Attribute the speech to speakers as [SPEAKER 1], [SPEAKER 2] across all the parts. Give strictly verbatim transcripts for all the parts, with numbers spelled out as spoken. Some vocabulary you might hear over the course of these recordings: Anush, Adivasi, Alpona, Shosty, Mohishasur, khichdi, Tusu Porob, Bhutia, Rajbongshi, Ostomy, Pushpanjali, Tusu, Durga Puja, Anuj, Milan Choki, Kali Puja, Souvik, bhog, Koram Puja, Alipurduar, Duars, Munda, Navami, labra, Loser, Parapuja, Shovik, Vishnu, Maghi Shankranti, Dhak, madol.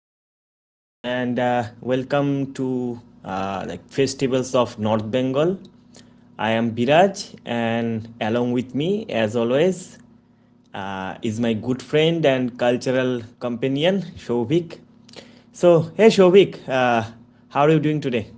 [SPEAKER 1] everyone, and uh, welcome to uh, like festivals of North Bengal. I am Biraj, and along with me, as always, uh, is my good friend and cultural companion Shovik. So, hey Shovik, uh, how are you doing today?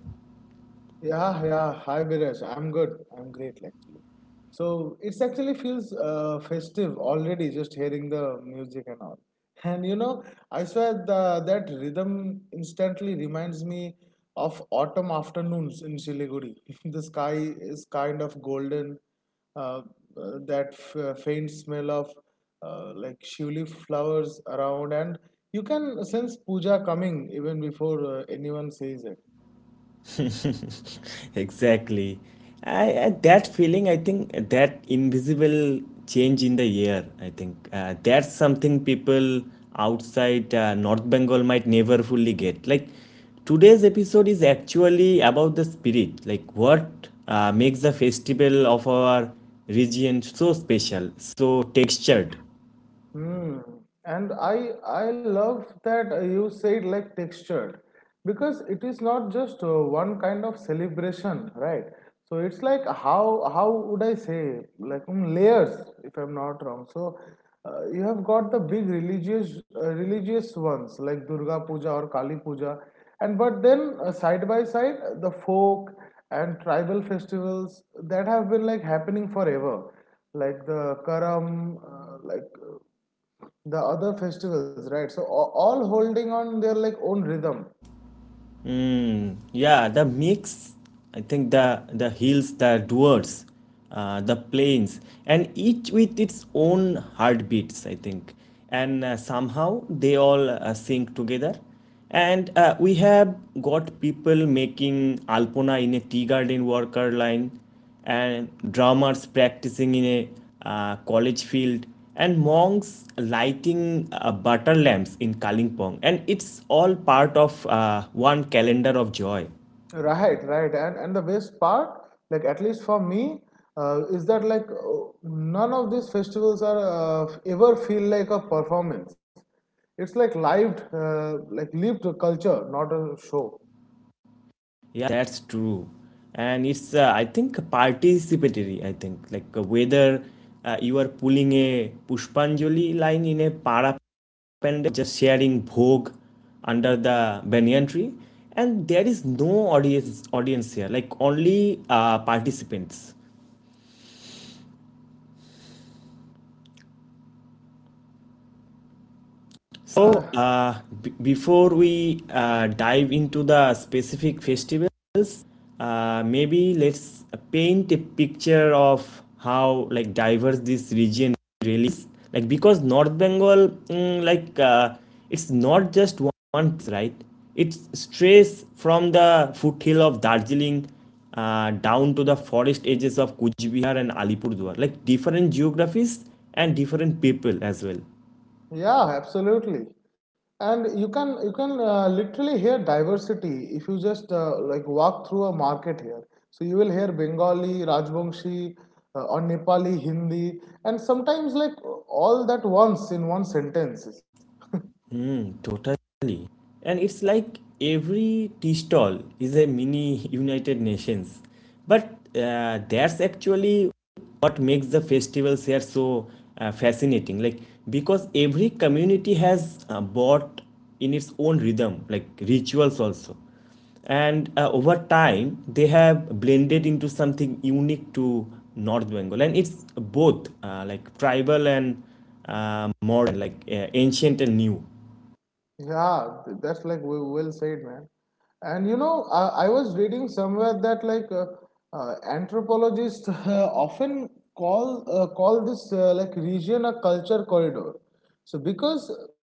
[SPEAKER 2] Yeah, yeah. Hi, Biraj. I'm good. I'm great, actually. So it's actually feels uh, festive already just hearing the music and all. And you know, I swear the, that rhythm instantly reminds me of autumn afternoons in Siliguri. The sky is kind of golden. Uh, uh, that f- uh, Faint smell of uh, like shivli flowers around, and you can sense puja coming even before uh, anyone says it.
[SPEAKER 1] Exactly. I, I that feeling. I think that invisible change in the air. I think uh, that's something people outside uh, North Bengal might never fully get. Like today's episode is actually about the spirit. Like what uh, makes the festival of our region so special, so textured.
[SPEAKER 2] Hmm. And I I love that uh, you said like textured because it is not just uh, one kind of celebration, right? So it's like how how would I say like um, layers if I'm not wrong. So uh, you have got the big religious uh, religious ones like Durga Puja or Kali Puja, and but then uh, side by side uh, the folk and tribal festivals that have been like happening forever, like the Karam, uh, like uh, the other festivals, right? So a- all holding on their like own rhythm.
[SPEAKER 1] Yeah, the mix, I think the the hills, the duars, uh, the plains, and each with its own heartbeats, I think. And uh, somehow they all uh, sync together. And uh, we have got people making Alpona in a tea garden worker line, and drummers practicing in a uh, college field and monks lighting uh, butter lamps in Kalingpong, and it's all part of uh, one calendar of joy.
[SPEAKER 2] Right right and and the best part, like at least for me, uh, is that like uh, none of these festivals are uh, ever feel like a performance. It's like lived uh, like lived culture, not a show.
[SPEAKER 1] Yeah, that's true. And it's, uh, I think, participatory. I think, like uh, whether uh, you are pulling a Pushpanjali line in a para pendant, just sharing bhog under the banyan tree, and there is no audience audience here, like only uh, participants.
[SPEAKER 2] uh,
[SPEAKER 1] So, uh, b- before we uh, dive into the specific festivals, uh, maybe let's paint a picture of how like diverse this region really is. Like because North Bengal, mm, like uh, it's not just one one place, right? It's strays from the foothill of Darjeeling uh, down to the forest edges of Kuchbihar and Alipurduar. Like different geographies and different people as well.
[SPEAKER 2] Yeah, absolutely. And you can you can uh, literally hear diversity if you just uh, like walk through a market here. So you will hear Bengali, Rajbongshi, uh, or Nepali, Hindi, and sometimes like all that once in one sentences.
[SPEAKER 1] Mm, totally. And it's like every tea stall is a mini United Nations. But uh, that's actually what makes the festivals here so uh, fascinating. Like, because every community has uh, bought in its own rhythm, like rituals also. And uh, over time, they have blended into something unique to North Bengal. And it's both uh, like tribal and uh, modern, like uh, ancient and new.
[SPEAKER 2] Yeah, th- that's like we well said, man. And you know, I, I was reading somewhere that like uh, uh, anthropologists often call uh, call this uh, like region a culture corridor. So because uh,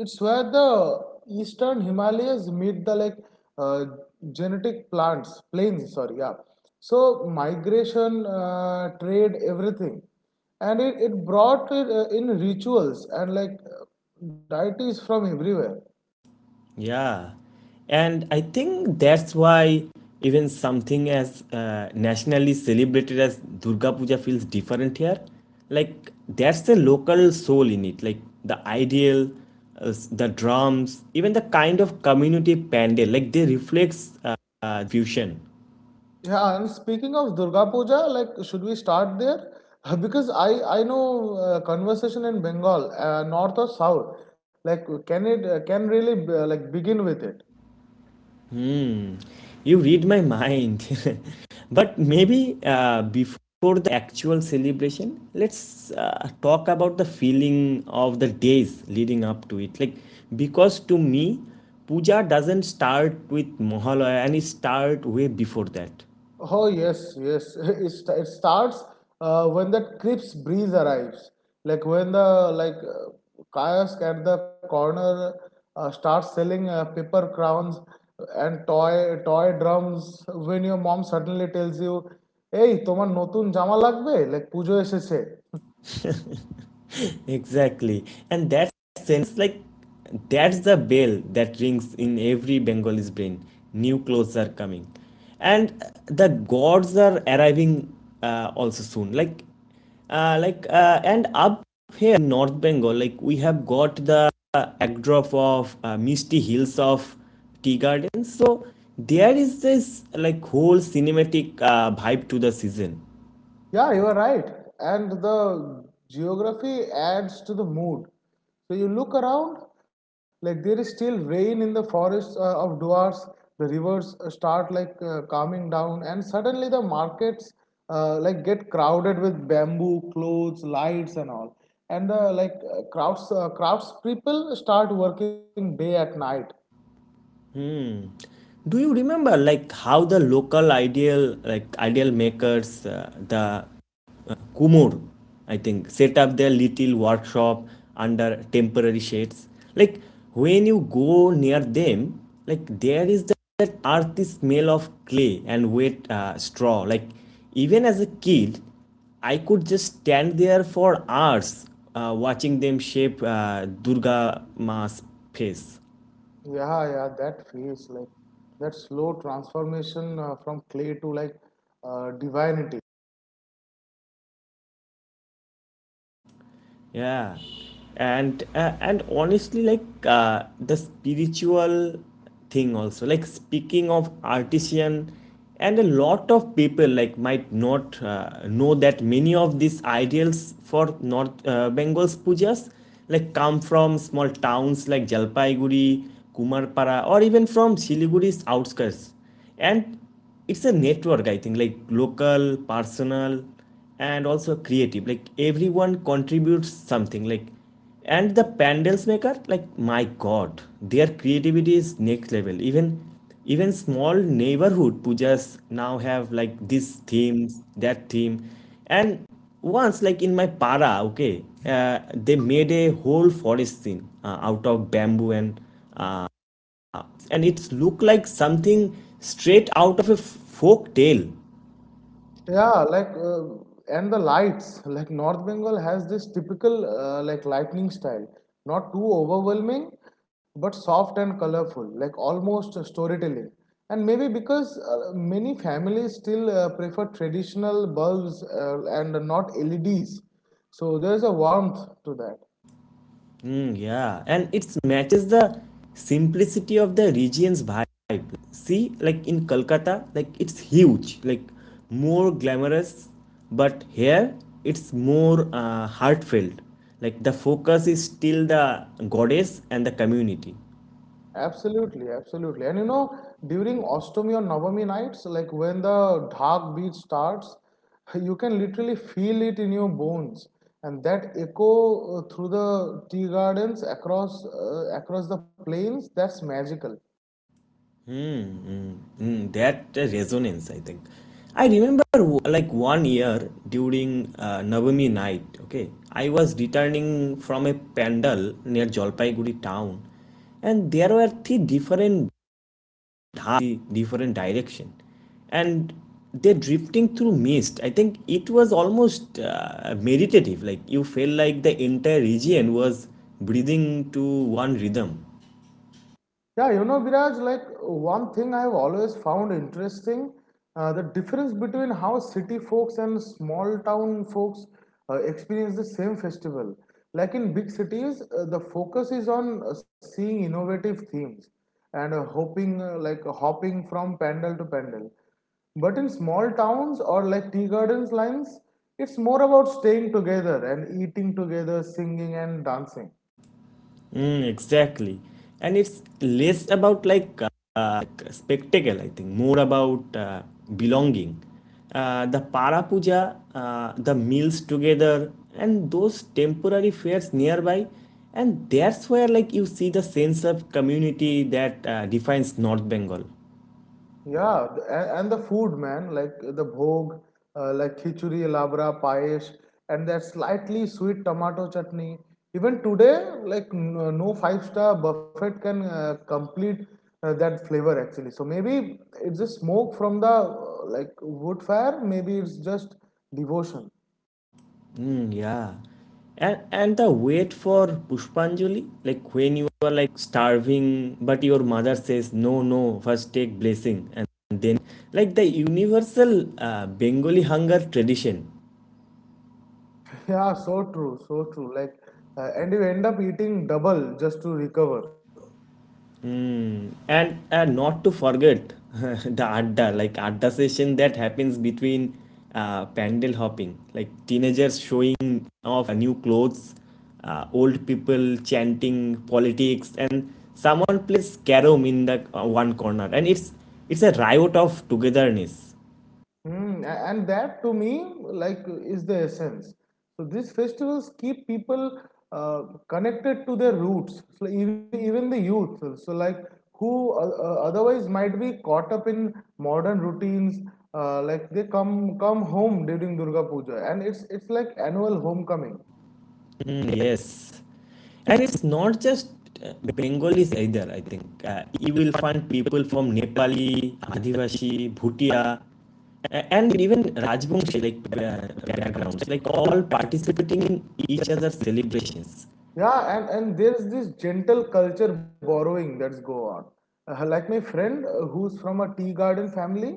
[SPEAKER 2] it's where the eastern Himalayas meet the like uh, genetic plants plains. Sorry, yeah. So migration, uh, trade, everything, and it, it brought it, uh, in rituals and like uh, deities from everywhere.
[SPEAKER 1] Yeah, and I think that's why even something as uh, nationally celebrated as Durga Puja feels different here. Like that's a local soul in it. Like the ideal, uh, s- the drums, even the kind of community pandal. Like they reflects uh, uh, fusion.
[SPEAKER 2] Yeah, and speaking of Durga Puja, like should we start there? Because I I know uh, conversation in Bengal, uh, north or south, like can it uh, can really uh, like begin with it.
[SPEAKER 1] Hmm. You read my mind. But maybe uh, before the actual celebration, let's uh, talk about the feeling of the days leading up to it. Like, because to me, puja doesn't start with Mahalaya and it start way before that.
[SPEAKER 2] Oh, yes, yes. It, st- it starts uh, when that crisp breeze arrives. Like when the like uh, kiosk at the corner uh, starts selling uh, paper crowns and toy toy drums. When your mom suddenly tells you, "Hey, তোমার নতুন জামা লাগবে?" Like পুজো এসেছে।
[SPEAKER 1] Exactly. And that sense, like, that's the bell that rings in every Bengali's brain. New clothes are coming. And uh, the gods are arriving uh, also soon. Like, uh, like, uh, and up here in North Bengal, like, we have got the backdrop of uh, misty hills of tea gardens. So, there is this, like, whole cinematic uh, vibe to the season.
[SPEAKER 2] Yeah, you are right. And the geography adds to the mood. So you look around, like there is still rain in the forests uh, of Duars. The rivers uh, start like uh, calming down, and suddenly the markets uh, like get crowded with bamboo, clothes, lights, and all. And the like uh, crowds, uh, crowds people start working day at night.
[SPEAKER 1] Do you remember like how the local ideal like ideal makers uh, the uh, kumur, I think, set up their little workshop under temporary shades. Like when you go near them, like there is that that earthy smell of clay and wet uh, straw. Like even as a kid, I could just stand there for hours, uh, watching them shape uh, Durga Ma's face.
[SPEAKER 2] Yeah, yeah, that feels like that slow transformation uh, from clay to like uh, divinity.
[SPEAKER 1] Yeah, and uh, and honestly, like uh, the spiritual thing also, like speaking of artisan, and a lot of people like might not uh, know that many of these ideals for North uh, Bengal's pujas like come from small towns like Jalpaiguri, Kumarpara, or even from Siliguri's outskirts, and it's a network, I think, like local, personal, and also creative. Like everyone contributes something. Like and the pandals maker, like my god, their creativity is next level. Even even small neighborhood pujas now have like this theme, that theme. And once like in my para, okay, uh, they made a whole forest scene uh, out of bamboo and uh, and it's look like something straight out of a folk tale.
[SPEAKER 2] Yeah, like uh, and the lights, like North Bengal has this typical uh, like lightning style, not too overwhelming, but soft and colorful, like almost uh, storytelling. And maybe because uh, many families still uh, prefer traditional bulbs uh, and not L E Ds, so there's a warmth to that.
[SPEAKER 1] Mm, yeah, and it matches the simplicity of the region's vibe. See, like in Kolkata, like it's huge, like more glamorous, but here it's more uh, heartfelt. Like the focus is still the goddess and the community.
[SPEAKER 2] Absolutely, absolutely. And you know, during Ostomy or Navami nights, like when the Dhak beat starts, you can literally feel it in your bones. And that echo uh, through the tea gardens across uh, across the plains, that's magical.
[SPEAKER 1] Mm, mm, mm. That uh, resonance, I think. I remember w- like one year during uh, Navami night, okay, I was returning from a pandal near Jalpaiguri town, and there were three different dhats, three different direction, and they're drifting through mist. I think it was almost uh, meditative, like you felt like the entire region was breathing to one rhythm.
[SPEAKER 2] Yeah, you know, Biraj, like one thing I've always found interesting, uh, the difference between how city folks and small town folks uh, experience the same festival. Like in big cities, uh, the focus is on uh, seeing innovative themes and uh, hoping, uh, like hopping from pandal to pandal. But in small towns or like tea gardens lines, it's more about staying together and eating together, singing and dancing.
[SPEAKER 1] Mm, exactly. And it's less about like uh, like, spectacle, I think, more about uh, belonging. Uh, the Parapuja, uh, the meals together, and those temporary fairs nearby. And that's where like you see the sense of community that uh, defines North Bengal.
[SPEAKER 2] Yeah, th- a- and the food, man, like the bhog, uh, like khichdi, labra, payesh, and that slightly sweet tomato chutney. Even today, like n- no five-star buffet can uh, complete uh, that flavor actually. So maybe it's just smoke from the uh, like wood fire. Maybe it's just devotion.
[SPEAKER 1] Mm, yeah. And and the wait for Pushpanjali, like when you are like starving, but your mother says no, no, first take blessing, and then like the universal uh, Bengali hunger tradition.
[SPEAKER 2] Yeah, so true, so true. Like, uh, and you end up eating double just to recover.
[SPEAKER 1] Mm. And uh, not to forget the adda, like adda session that happens between uh, pandal hopping, like teenagers showing off uh, new clothes, uh, old people chanting politics, and someone plays carom in the uh, one corner, and it's it's a riot of togetherness.
[SPEAKER 2] Mm, a- and that to me, like, is the essence. So these festivals keep people uh, connected to their roots. So even, even the youth, so like who uh, uh, otherwise might be caught up in modern routines, uh, like they come come home during Durga Puja, and it's it's like annual homecoming.
[SPEAKER 1] Mm, yes. And it's not just uh, Bengalis either, I think. Uh, you will find people from Nepali, Adivasi, Bhutia, a- and even Rajbongshi like uh, backgrounds, like all participating in each other's celebrations.
[SPEAKER 2] Yeah, and, and there's this gentle culture borrowing that's go on. Uh, like my friend uh, who's from a tea garden family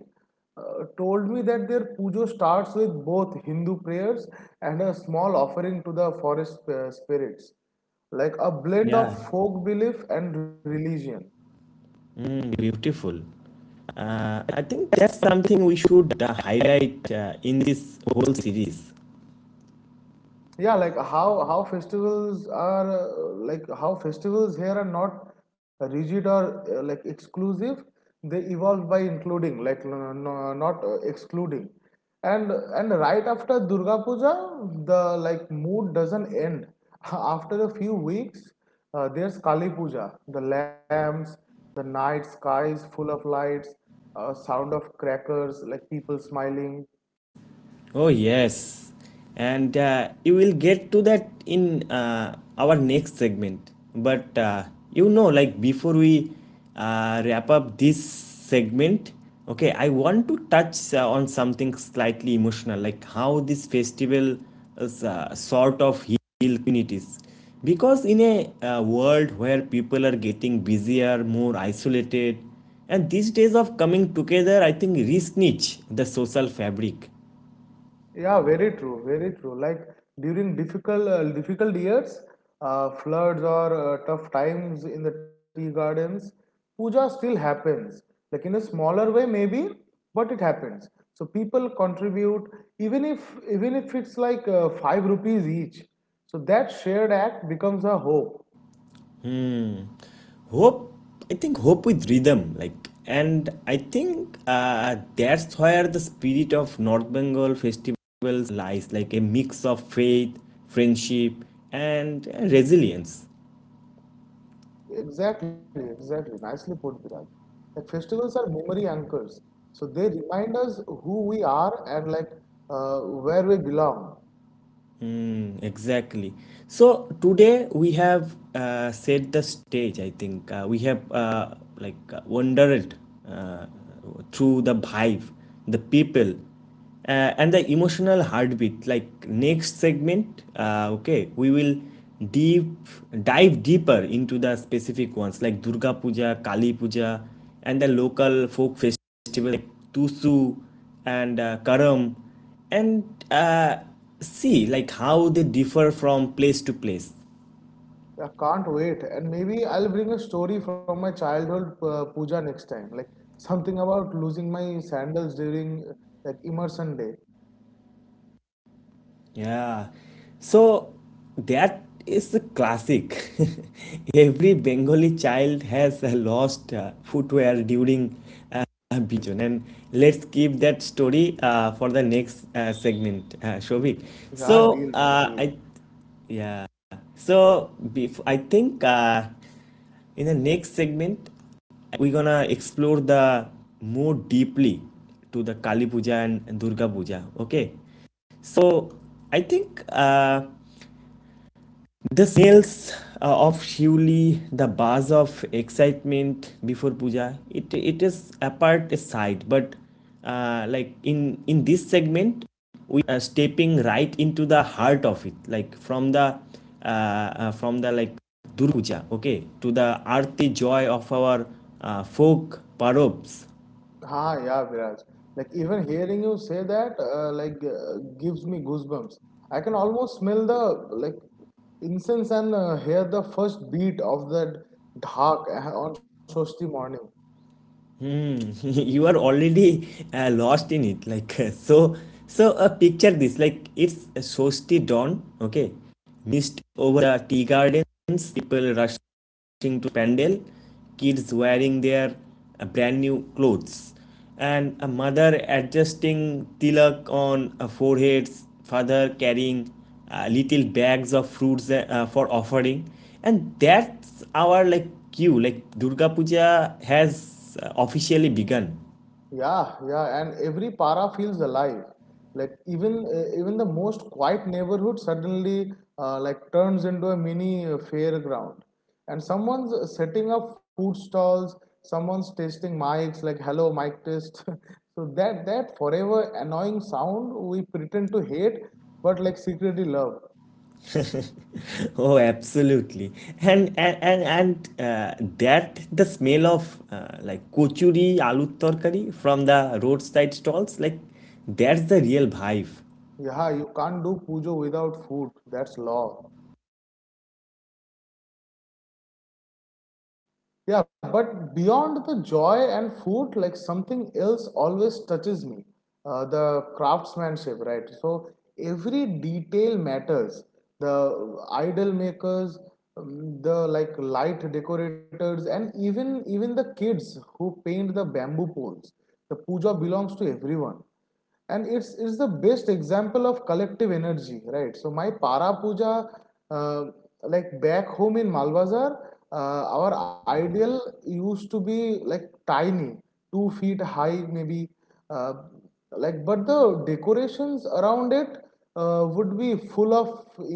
[SPEAKER 2] uh, told me that their pujo starts with both Hindu prayers and a small offering to the forest uh, spirits, like a blend of
[SPEAKER 1] Yeah.
[SPEAKER 2] folk belief and religion.
[SPEAKER 1] Mm, beautiful. Uh, I think that's something we should uh, highlight uh, in this whole series.
[SPEAKER 2] Yeah, like how how festivals are uh, like how festivals here are not rigid or uh, like exclusive. They evolve by including like no, no, not uh, excluding. And and right after Durga Puja the like mood doesn't end. After a few weeks uh, there's Kali Puja, the lamps, the night skies full of lights, uh, sound of crackers, like people smiling.
[SPEAKER 1] Oh, yes. And uh, you will get to that in uh, our next segment. But uh, you know, like before we uh, wrap up this segment, okay, I want to touch uh, on something slightly emotional, like how this festival is, uh, sort of heal communities. Because in a uh, world where people are getting busier, more isolated, and these days of coming together, I think, re the social fabric.
[SPEAKER 2] Yeah, very true, very true. Like during difficult uh, difficult years, uh, floods or uh, tough times in the tea gardens, puja still happens. Like in a smaller way maybe, but it happens. So people contribute even if even if it's like uh, five rupees each. So that shared act becomes a hope.
[SPEAKER 1] Hmm. Hope, I think hope with rhythm, like, and I think uh, that's where the spirit of North Bengal festivals lies, like a mix of faith, friendship, and uh, resilience.
[SPEAKER 2] Exactly, exactly. Nicely put, Viraj. Like festivals are memory anchors. So they remind us who we are and like uh, where we belong.
[SPEAKER 1] Mm, exactly. So today we have uh, set the stage. I think uh, we have uh, like uh, wandered uh, through the vibe, the people, uh, and the emotional heartbeat. Like next segment, uh, okay, we will deep dive deeper into the specific ones like Durga Puja, Kali Puja, and the local folk festivals like Tusu and uh, Karam and uh, see like how they differ from place to place.
[SPEAKER 2] I can't wait. And maybe I'll bring a story from my childhood uh, puja next time. Like something about losing my sandals during uh, like immersion day.
[SPEAKER 1] Yeah. So that is a classic. Every Bengali child has uh, lost uh, footwear during uh, Biju season. And let's keep that story uh, for the next uh, segment, uh, Shobhik.
[SPEAKER 2] Yeah,
[SPEAKER 1] So
[SPEAKER 2] deal, man,
[SPEAKER 1] uh,
[SPEAKER 2] deal.
[SPEAKER 1] I, yeah. So bef- I think uh, in the next segment, we're gonna explore the more deeply to the Kali Puja and Durga Puja. Okay. So I think uh, the smells uh, of Shivli, the buzz of excitement before puja, it it is apart aside. But uh, like in in this segment, we are stepping right into the heart of it, like from the uh, uh, from the like Durga Puja, okay, to the arti joy of our uh, folk parobs.
[SPEAKER 2] Ha, yeah, Viraj. Like even hearing you say that, uh, like uh, gives me goosebumps. I can almost smell the like incense and uh, hear the first beat of that dhak on Shashti morning.
[SPEAKER 1] You are already uh, lost in it, like so so uh, picture this. Like it's a Shosty dawn, okay, mist over the tea gardens, people rushing to pandal, kids wearing their uh, brand new clothes, and a mother adjusting tilak on uh, foreheads, father carrying uh, little bags of fruits uh, uh, for offering, and that's our like queue, like Durga puja has uh, officially begun.
[SPEAKER 2] Yeah, yeah, and every para feels alive. Like even uh, even the most quiet neighborhood suddenly uh, like turns into a mini uh, fairground, and someone's setting up food stalls, someone's tasting mics like "Hello, mic test." so that that forever annoying sound we pretend to hate, but like secretly love.
[SPEAKER 1] Oh, absolutely. And and and, and uh, that the smell of uh, like kochuri aloo torkari from the roadside stalls, like that's the real vibe.
[SPEAKER 2] Yeah, you can't do pujo without food. That's law. Yeah, but beyond the joy and food, like something else always touches me. Uh, the craftsmanship, right? So every detail matters. The idol makers, um, the like light decorators, and even even the kids who paint the bamboo poles. The puja belongs to everyone, and it's it's the best example of collective energy. Right, so my para puja, uh, like back home in Malbazar, uh, our ideal used to be like tiny, two feet high maybe, uh, like but the decorations around it uh, would be full of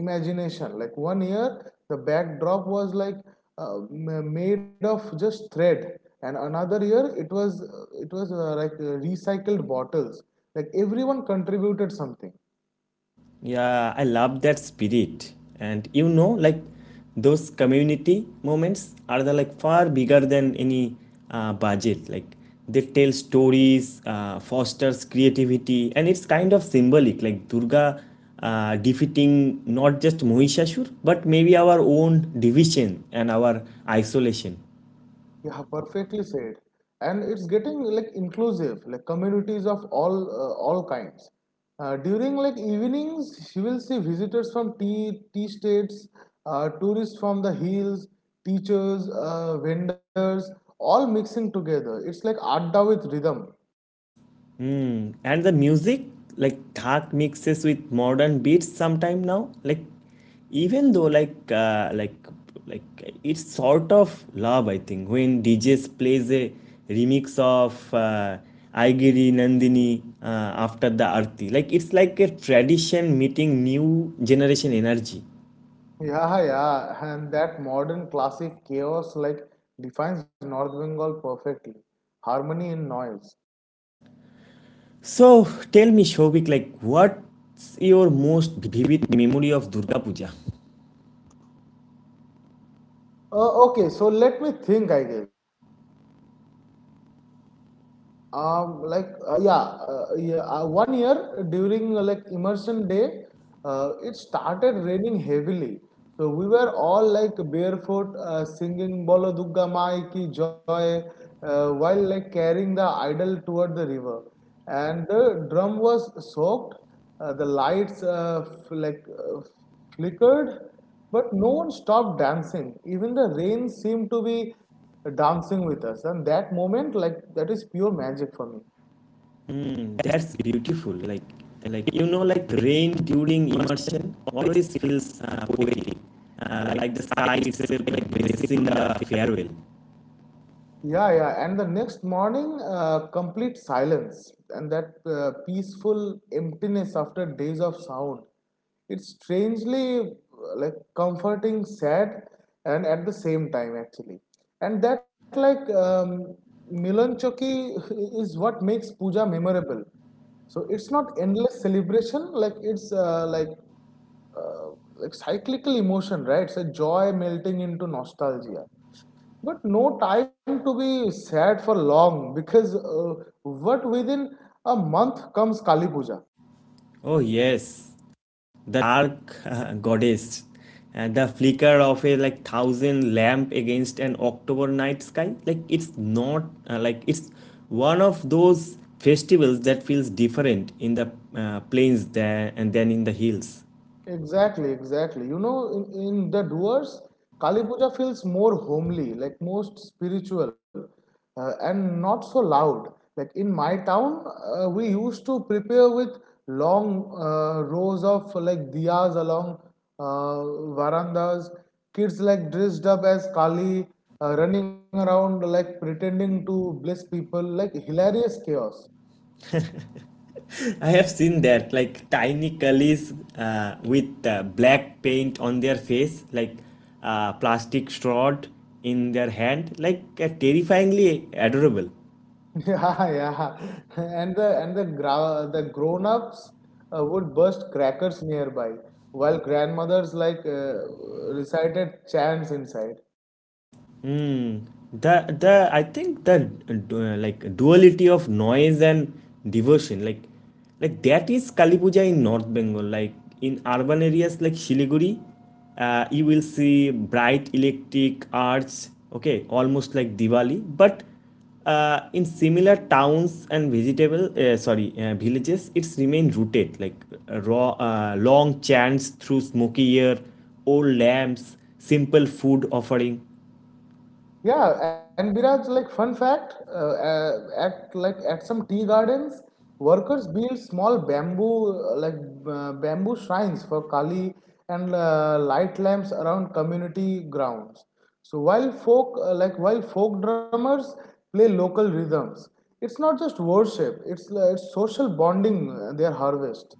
[SPEAKER 2] imagination. Like one year the backdrop was like uh, made of just thread, and another year it was it was uh, like uh, recycled bottles. Like everyone contributed something.
[SPEAKER 1] Yeah, I love that spirit. And you know, like those community moments are the like far bigger than any uh, budget. Like they tell stories, uh, fosters creativity, and it's kind of symbolic. Like Durga uh, defeating not just Mohishasur, but maybe our own division and our isolation.
[SPEAKER 2] You have perfectly said, and it's getting like inclusive, like communities of all uh, all kinds. Uh, during like evenings you will see visitors from tea tea states, uh, tourists from the hills, teachers, uh, vendors, all mixing together. It's like adda with rhythm.
[SPEAKER 1] Mm. And the music, like Thak mixes with modern beats sometime now. Like even though like uh, like like it's sort of love, I think, when D Js plays a remix of uh, Aigiri Nandini uh, after the Arti. Like it's like a tradition meeting new generation energy.
[SPEAKER 2] Yeah, yeah, and that modern classic chaos like defines North Bengal perfectly, harmony in noise.
[SPEAKER 1] So tell me, Shobik, like what's your most vivid memory of Durga Puja?
[SPEAKER 2] Uh, okay, so let me think. I guess. Um, like uh, yeah, uh, yeah. Uh, one year during uh, like immersion day, uh, it started raining heavily. So we were all like barefoot, uh, singing "Bolo Dugga Mai ki Joy," uh, while like carrying the idol toward the river, and the drum was soaked. Uh, the lights uh, like uh, flickered, but no one stopped dancing. Even the rain seemed to be dancing with us, and that moment, like that, is pure magic for me.
[SPEAKER 1] Mm, that's beautiful. Like, like you know, like rain during immersion always feels uh, poetic. Uh, like the sky itself, like blessing the farewell.
[SPEAKER 2] Yeah, yeah. And the next morning, uh, complete silence and that uh, peaceful emptiness after days of sound. It's strangely uh, like comforting, sad, and at the same time, actually. And that, like, um, Milan Choki is what makes puja memorable. So it's not endless celebration, like, it's uh, like uh, like cyclical emotion, right? It's a joy melting into nostalgia. But no time to be sad for long because uh, what within a month comes Kali Puja.
[SPEAKER 1] Oh yes, the dark uh, goddess, and the flicker of a like thousand lamp against an October night sky. Like it's not uh, like it's one of those festivals that feels different in the uh, plains than and then in the hills.
[SPEAKER 2] Exactly, exactly. You know, in, in the doers, Kali Puja feels more homely, like most spiritual, uh, and not so loud. Like in my town, uh, we used to prepare with long uh, rows of like diyas along uh, verandas. Kids like dressed up as Kali, uh, running around like pretending to bless people, like hilarious chaos.
[SPEAKER 1] I have seen that, like tiny cullies uh, with uh, black paint on their face, like uh, plastic straw in their hand, like uh, terrifyingly adorable.
[SPEAKER 2] Yeah, yeah. And the and the gra the grown-ups uh, would burst crackers nearby, while grandmothers like uh, recited chants inside.
[SPEAKER 1] Mm. The the I think the uh, like duality of noise and diversion like like that is Kali Puja in North Bengal, like in urban areas like Shiliguri, uh, you will see bright electric arts. Okay, almost like Diwali, but uh, in similar towns and vegetable uh, sorry uh, villages, it's remained rooted, like uh, raw, uh, long chants through smoky air, old lamps, simple food offering.
[SPEAKER 2] Yeah, and Biraj, like fun fact, uh, uh, at like at some tea gardens, workers build small bamboo uh, like uh, bamboo shrines for Kali and uh, light lamps around community grounds. So while folk uh, like while folk drummers play local rhythms. It's not just worship; it's uh, it's social bonding. Uh, their harvest.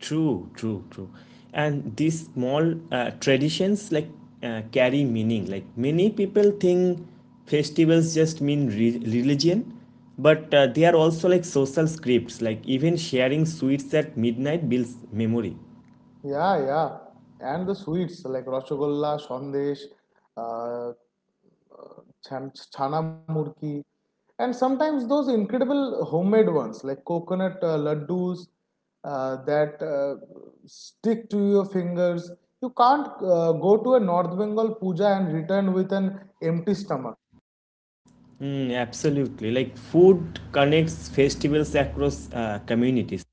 [SPEAKER 1] True, true, true. And these small uh, traditions, like uh, carry meaning. Like many people think festivals just mean re- religion, but uh, they are also like social scripts. Like even sharing sweets at midnight builds memory.
[SPEAKER 2] Yeah, yeah, and the sweets like rasgulla, sandesh, uh, chan- chana murki, and sometimes those incredible homemade ones like coconut uh, laddus uh, that uh, stick to your fingers. You can't uh, go to a North Bengal puja and return with an empty stomach.
[SPEAKER 1] Mm, absolutely. Like food connects festivals across uh, communities.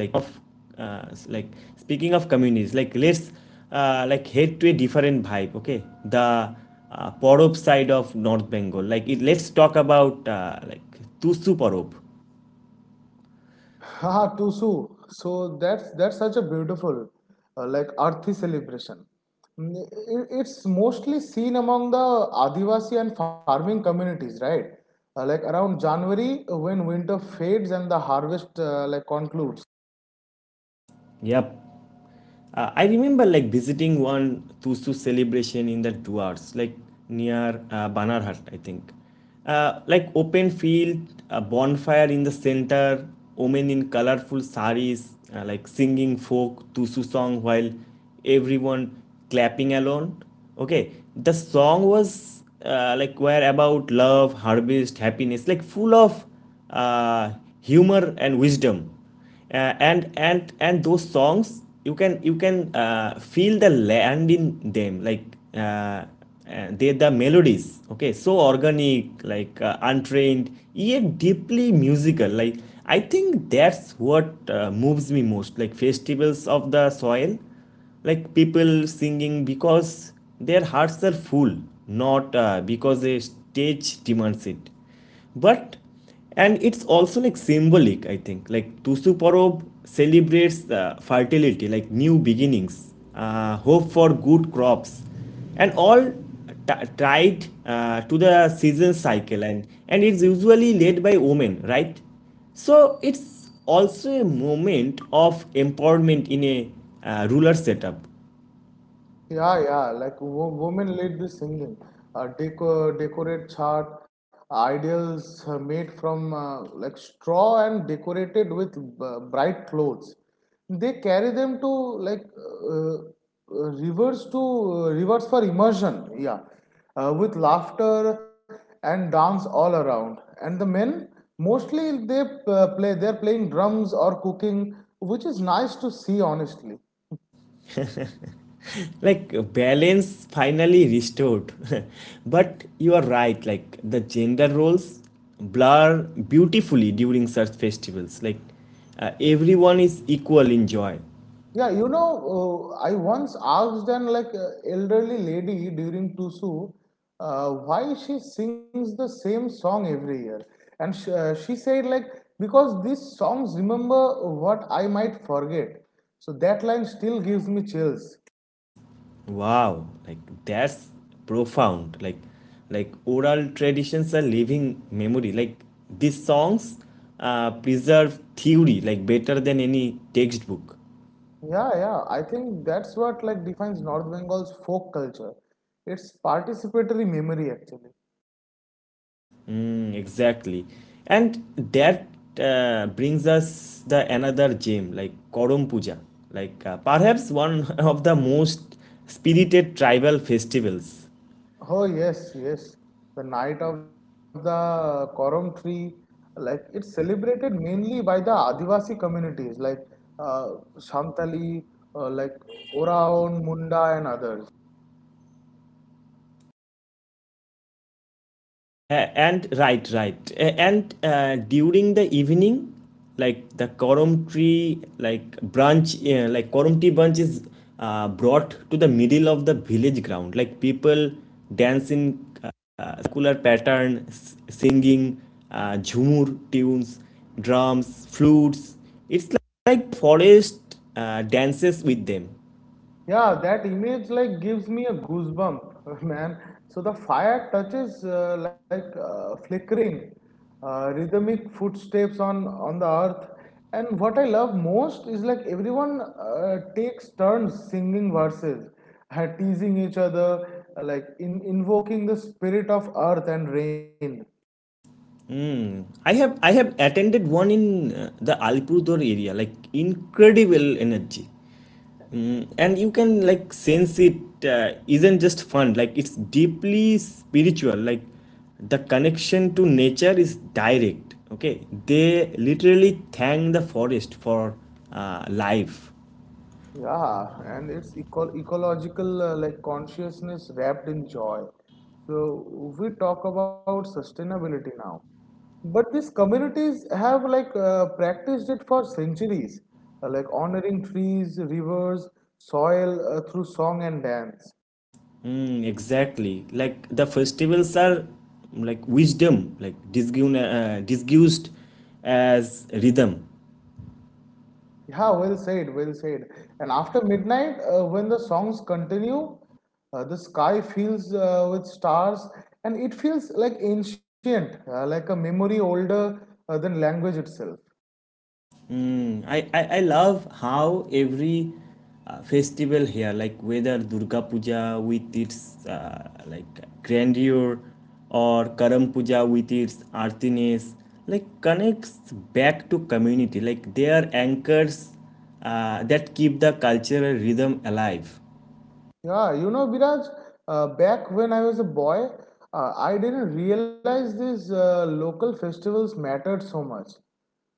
[SPEAKER 1] like of uh, s- like speaking of communities, like let's uh, like head to a different vibe. Okay, the uh, porob side of North Bengal, like it, let's talk about uh, like Tusu Porob.
[SPEAKER 2] Haha, Tusu. So that's that's such a beautiful, uh, like earthy celebration. Mm, i- it's mostly seen among the Adivasi and farming communities, right? Uh, like around January, uh, when winter fades and the harvest uh, like concludes.
[SPEAKER 1] Yep. Uh, I remember like visiting one Tusu celebration in the Duars, like near uh, Banarhat, I think. Uh, like open field, a bonfire in the center, women in colorful saris, uh, like singing folk Tusu song while everyone clapping along. Okay, the song was uh, like were about love, harvest, happiness, like full of uh, humor and wisdom, uh, and and and those songs, you can you can uh, feel the land in them, like uh, uh, they the melodies, okay, so organic, like uh, untrained yet deeply musical. Like I think that's what uh, moves me most, like festivals of the soil, like people singing because their hearts are full, not uh, because a stage demands it. But and it's also like symbolic, I think. Like Tusu Porob celebrates uh, fertility, like new beginnings, uh, hope for good crops, and all t- tied uh, to the season cycle. And, and it's usually led by women, right? So it's also a moment of empowerment in a uh, rural setup.
[SPEAKER 2] Yeah, yeah, like wo women lead the singing, uh, deco decorate chart, ideals uh, made from uh, like straw and decorated with b- bright clothes. They carry them to like uh, uh, rivers to uh, rivers for immersion, yeah, uh, with laughter and dance all around. And the men mostly they uh, play, they're playing drums or cooking, which is nice to see honestly.
[SPEAKER 1] Like uh, balance finally restored. But you are right, like the gender roles blur beautifully during such festivals, like uh, everyone is equal in joy.
[SPEAKER 2] Yeah, you know, uh, I once asked an like uh, elderly lady during Tusu uh, why she sings the same song every year, and sh- uh, she said, like, because these songs remember what I might forget. So that line still gives me chills.
[SPEAKER 1] Wow, like that's profound, like like oral traditions are living memory, like these songs uh, preserve theory like better than any textbook.
[SPEAKER 2] Yeah, yeah, I think that's what like defines North Bengal's folk culture. It's participatory memory actually.
[SPEAKER 1] Mm, exactly. And that uh, brings us the another gem, like Koram Puja, like uh, perhaps one of the most spirited tribal festivals.
[SPEAKER 2] Oh yes, yes. The night of the Koram tree, like it's celebrated mainly by the Adivasi communities like uh, Santali, uh, like Oraon, Munda, and others.
[SPEAKER 1] Uh, and right, right. Uh, and uh, during the evening, like the koram tree, like branch, uh, like koram tree branch is uh, brought to the middle of the village ground. Like people dance in uh, uh, circular pattern, s- singing uh, jhumur tunes, drums, flutes. It's like, like forest uh, dances with them.
[SPEAKER 2] Yeah, that image like gives me a goosebump, man. So the fire touches uh, like uh, flickering, uh, rhythmic footsteps on on the earth. And what I love most is like everyone uh, takes turns singing verses, uh, teasing each other, uh, like in, invoking the spirit of earth and rain.
[SPEAKER 1] I have I have attended one in uh, the Alipurduar area. Like incredible energy. Mm, and you can like sense it uh, isn't just fun, like it's deeply spiritual, like the connection to nature is direct. Okay, they literally thank the forest for uh, life.
[SPEAKER 2] Yeah, and it's eco ecological uh, like consciousness wrapped in joy. So we talk about sustainability now, but these communities have like uh, practiced it for centuries, uh, like honoring trees, rivers, soil uh, through song and dance.
[SPEAKER 1] Mm, exactly, like the festivals are like wisdom, like disgu- uh, disguised as rhythm.
[SPEAKER 2] Yeah, well said, well said. And after midnight, uh, when the songs continue, uh, the sky fills uh, with stars, and it feels like ancient, uh, like a memory older uh, than language itself.
[SPEAKER 1] Mm, I, I, I love how every uh, festival here, like whether Durga Puja with its uh, like grandeur or Karam Puja with its earthiness, like connects back to community. Like they are anchors uh, that keep the cultural rhythm alive.
[SPEAKER 2] Yeah, you know, Biraj, uh, back when I was a boy, uh, I didn't realize these uh, local festivals mattered so much.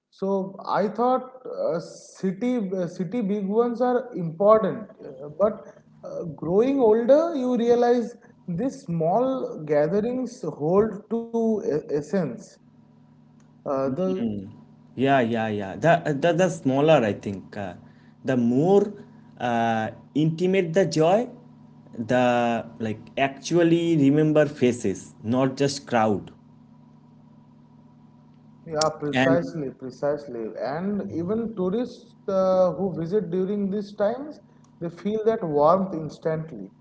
[SPEAKER 2] So I thought uh, city uh, city big ones are important, uh, but uh, growing older, you realize these small gatherings hold to e- essence. Uh, the
[SPEAKER 1] Yeah, yeah, yeah. The, the, the smaller, I think. Uh, the more uh, intimate the joy, the like actually remember faces, not just crowd.
[SPEAKER 2] Yeah,
[SPEAKER 1] And
[SPEAKER 2] precisely, precisely. And even tourists uh, who visit during these times, they feel that warmth instantly.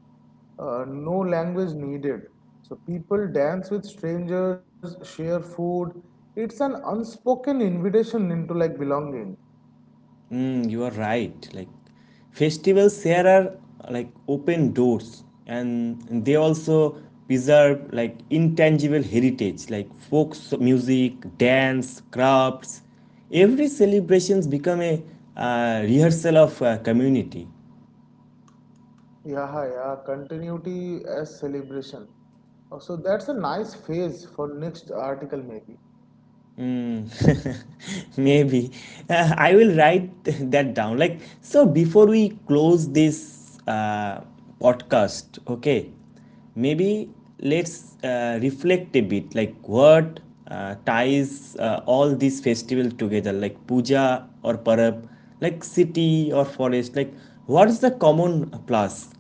[SPEAKER 2] Uh, no language needed. So people dance with strangers, share food. It's an unspoken invitation into like belonging.
[SPEAKER 1] mm, you are right. Like festivals here are like open doors, and they also preserve like intangible heritage, like folk so- music, dance, crafts. Every celebrations become a uh, rehearsal of uh, community.
[SPEAKER 2] Yeah, yeah, continuity as celebration. Uh, So that's a nice phase for next article maybe.
[SPEAKER 1] Maybe. Uh, I will write that down. Like, so before we close this uh, podcast, okay, maybe let's uh, reflect a bit, like what uh, ties uh, all these festivals together, like puja or parab, like city or forest, like what is the common plus?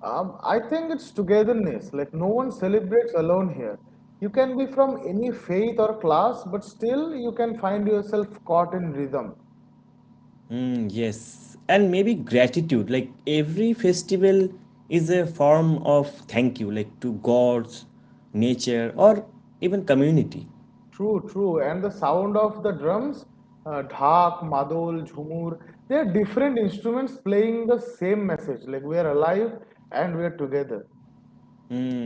[SPEAKER 2] Um, I think it's togetherness. Like no one celebrates alone here. You can be from any faith or class, but still you can find yourself caught in rhythm.
[SPEAKER 1] Mm, yes, and maybe gratitude. Like every festival is a form of thank you, like to gods, nature, or even community.
[SPEAKER 2] True, true. And the sound of the drums, uh, dhak, madol, jhumur, they are different instruments playing the same message. Like we are alive and we are together.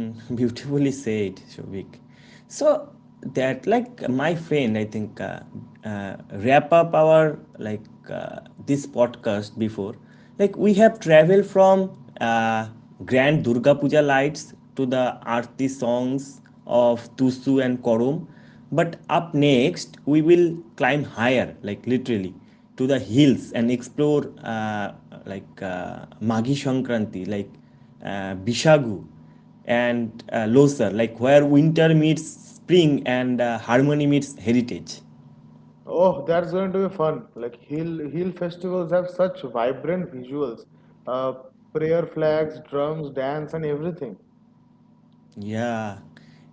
[SPEAKER 1] Beautifully said, Shobik. So that like my friend, I think uh, uh, wrap up our like uh, this podcast before. Like we have traveled from uh, Grand Durga Puja lights to the Aarti songs of Tusu and Korum. But up next, we will climb higher, like literally, to the hills and explore uh, like uh, Maghi Shankranti, like uh, Bishagu, and uh, Loser, like where winter meets spring and uh, harmony meets heritage.
[SPEAKER 2] Oh, that's going to be fun. Like hill hill festivals have such vibrant visuals, uh, prayer flags, drums, dance, and everything.
[SPEAKER 1] Yeah.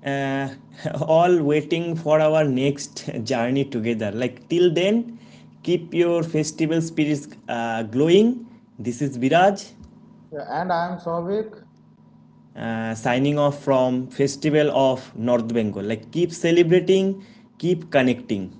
[SPEAKER 1] Uh, all waiting for our next journey together. Like till then, keep your festival spirits uh, glowing. This is Viraj,
[SPEAKER 2] Yeah, and I am Souvik.
[SPEAKER 1] uh, signing off from Festival of North Bengal. Like keep celebrating, keep connecting.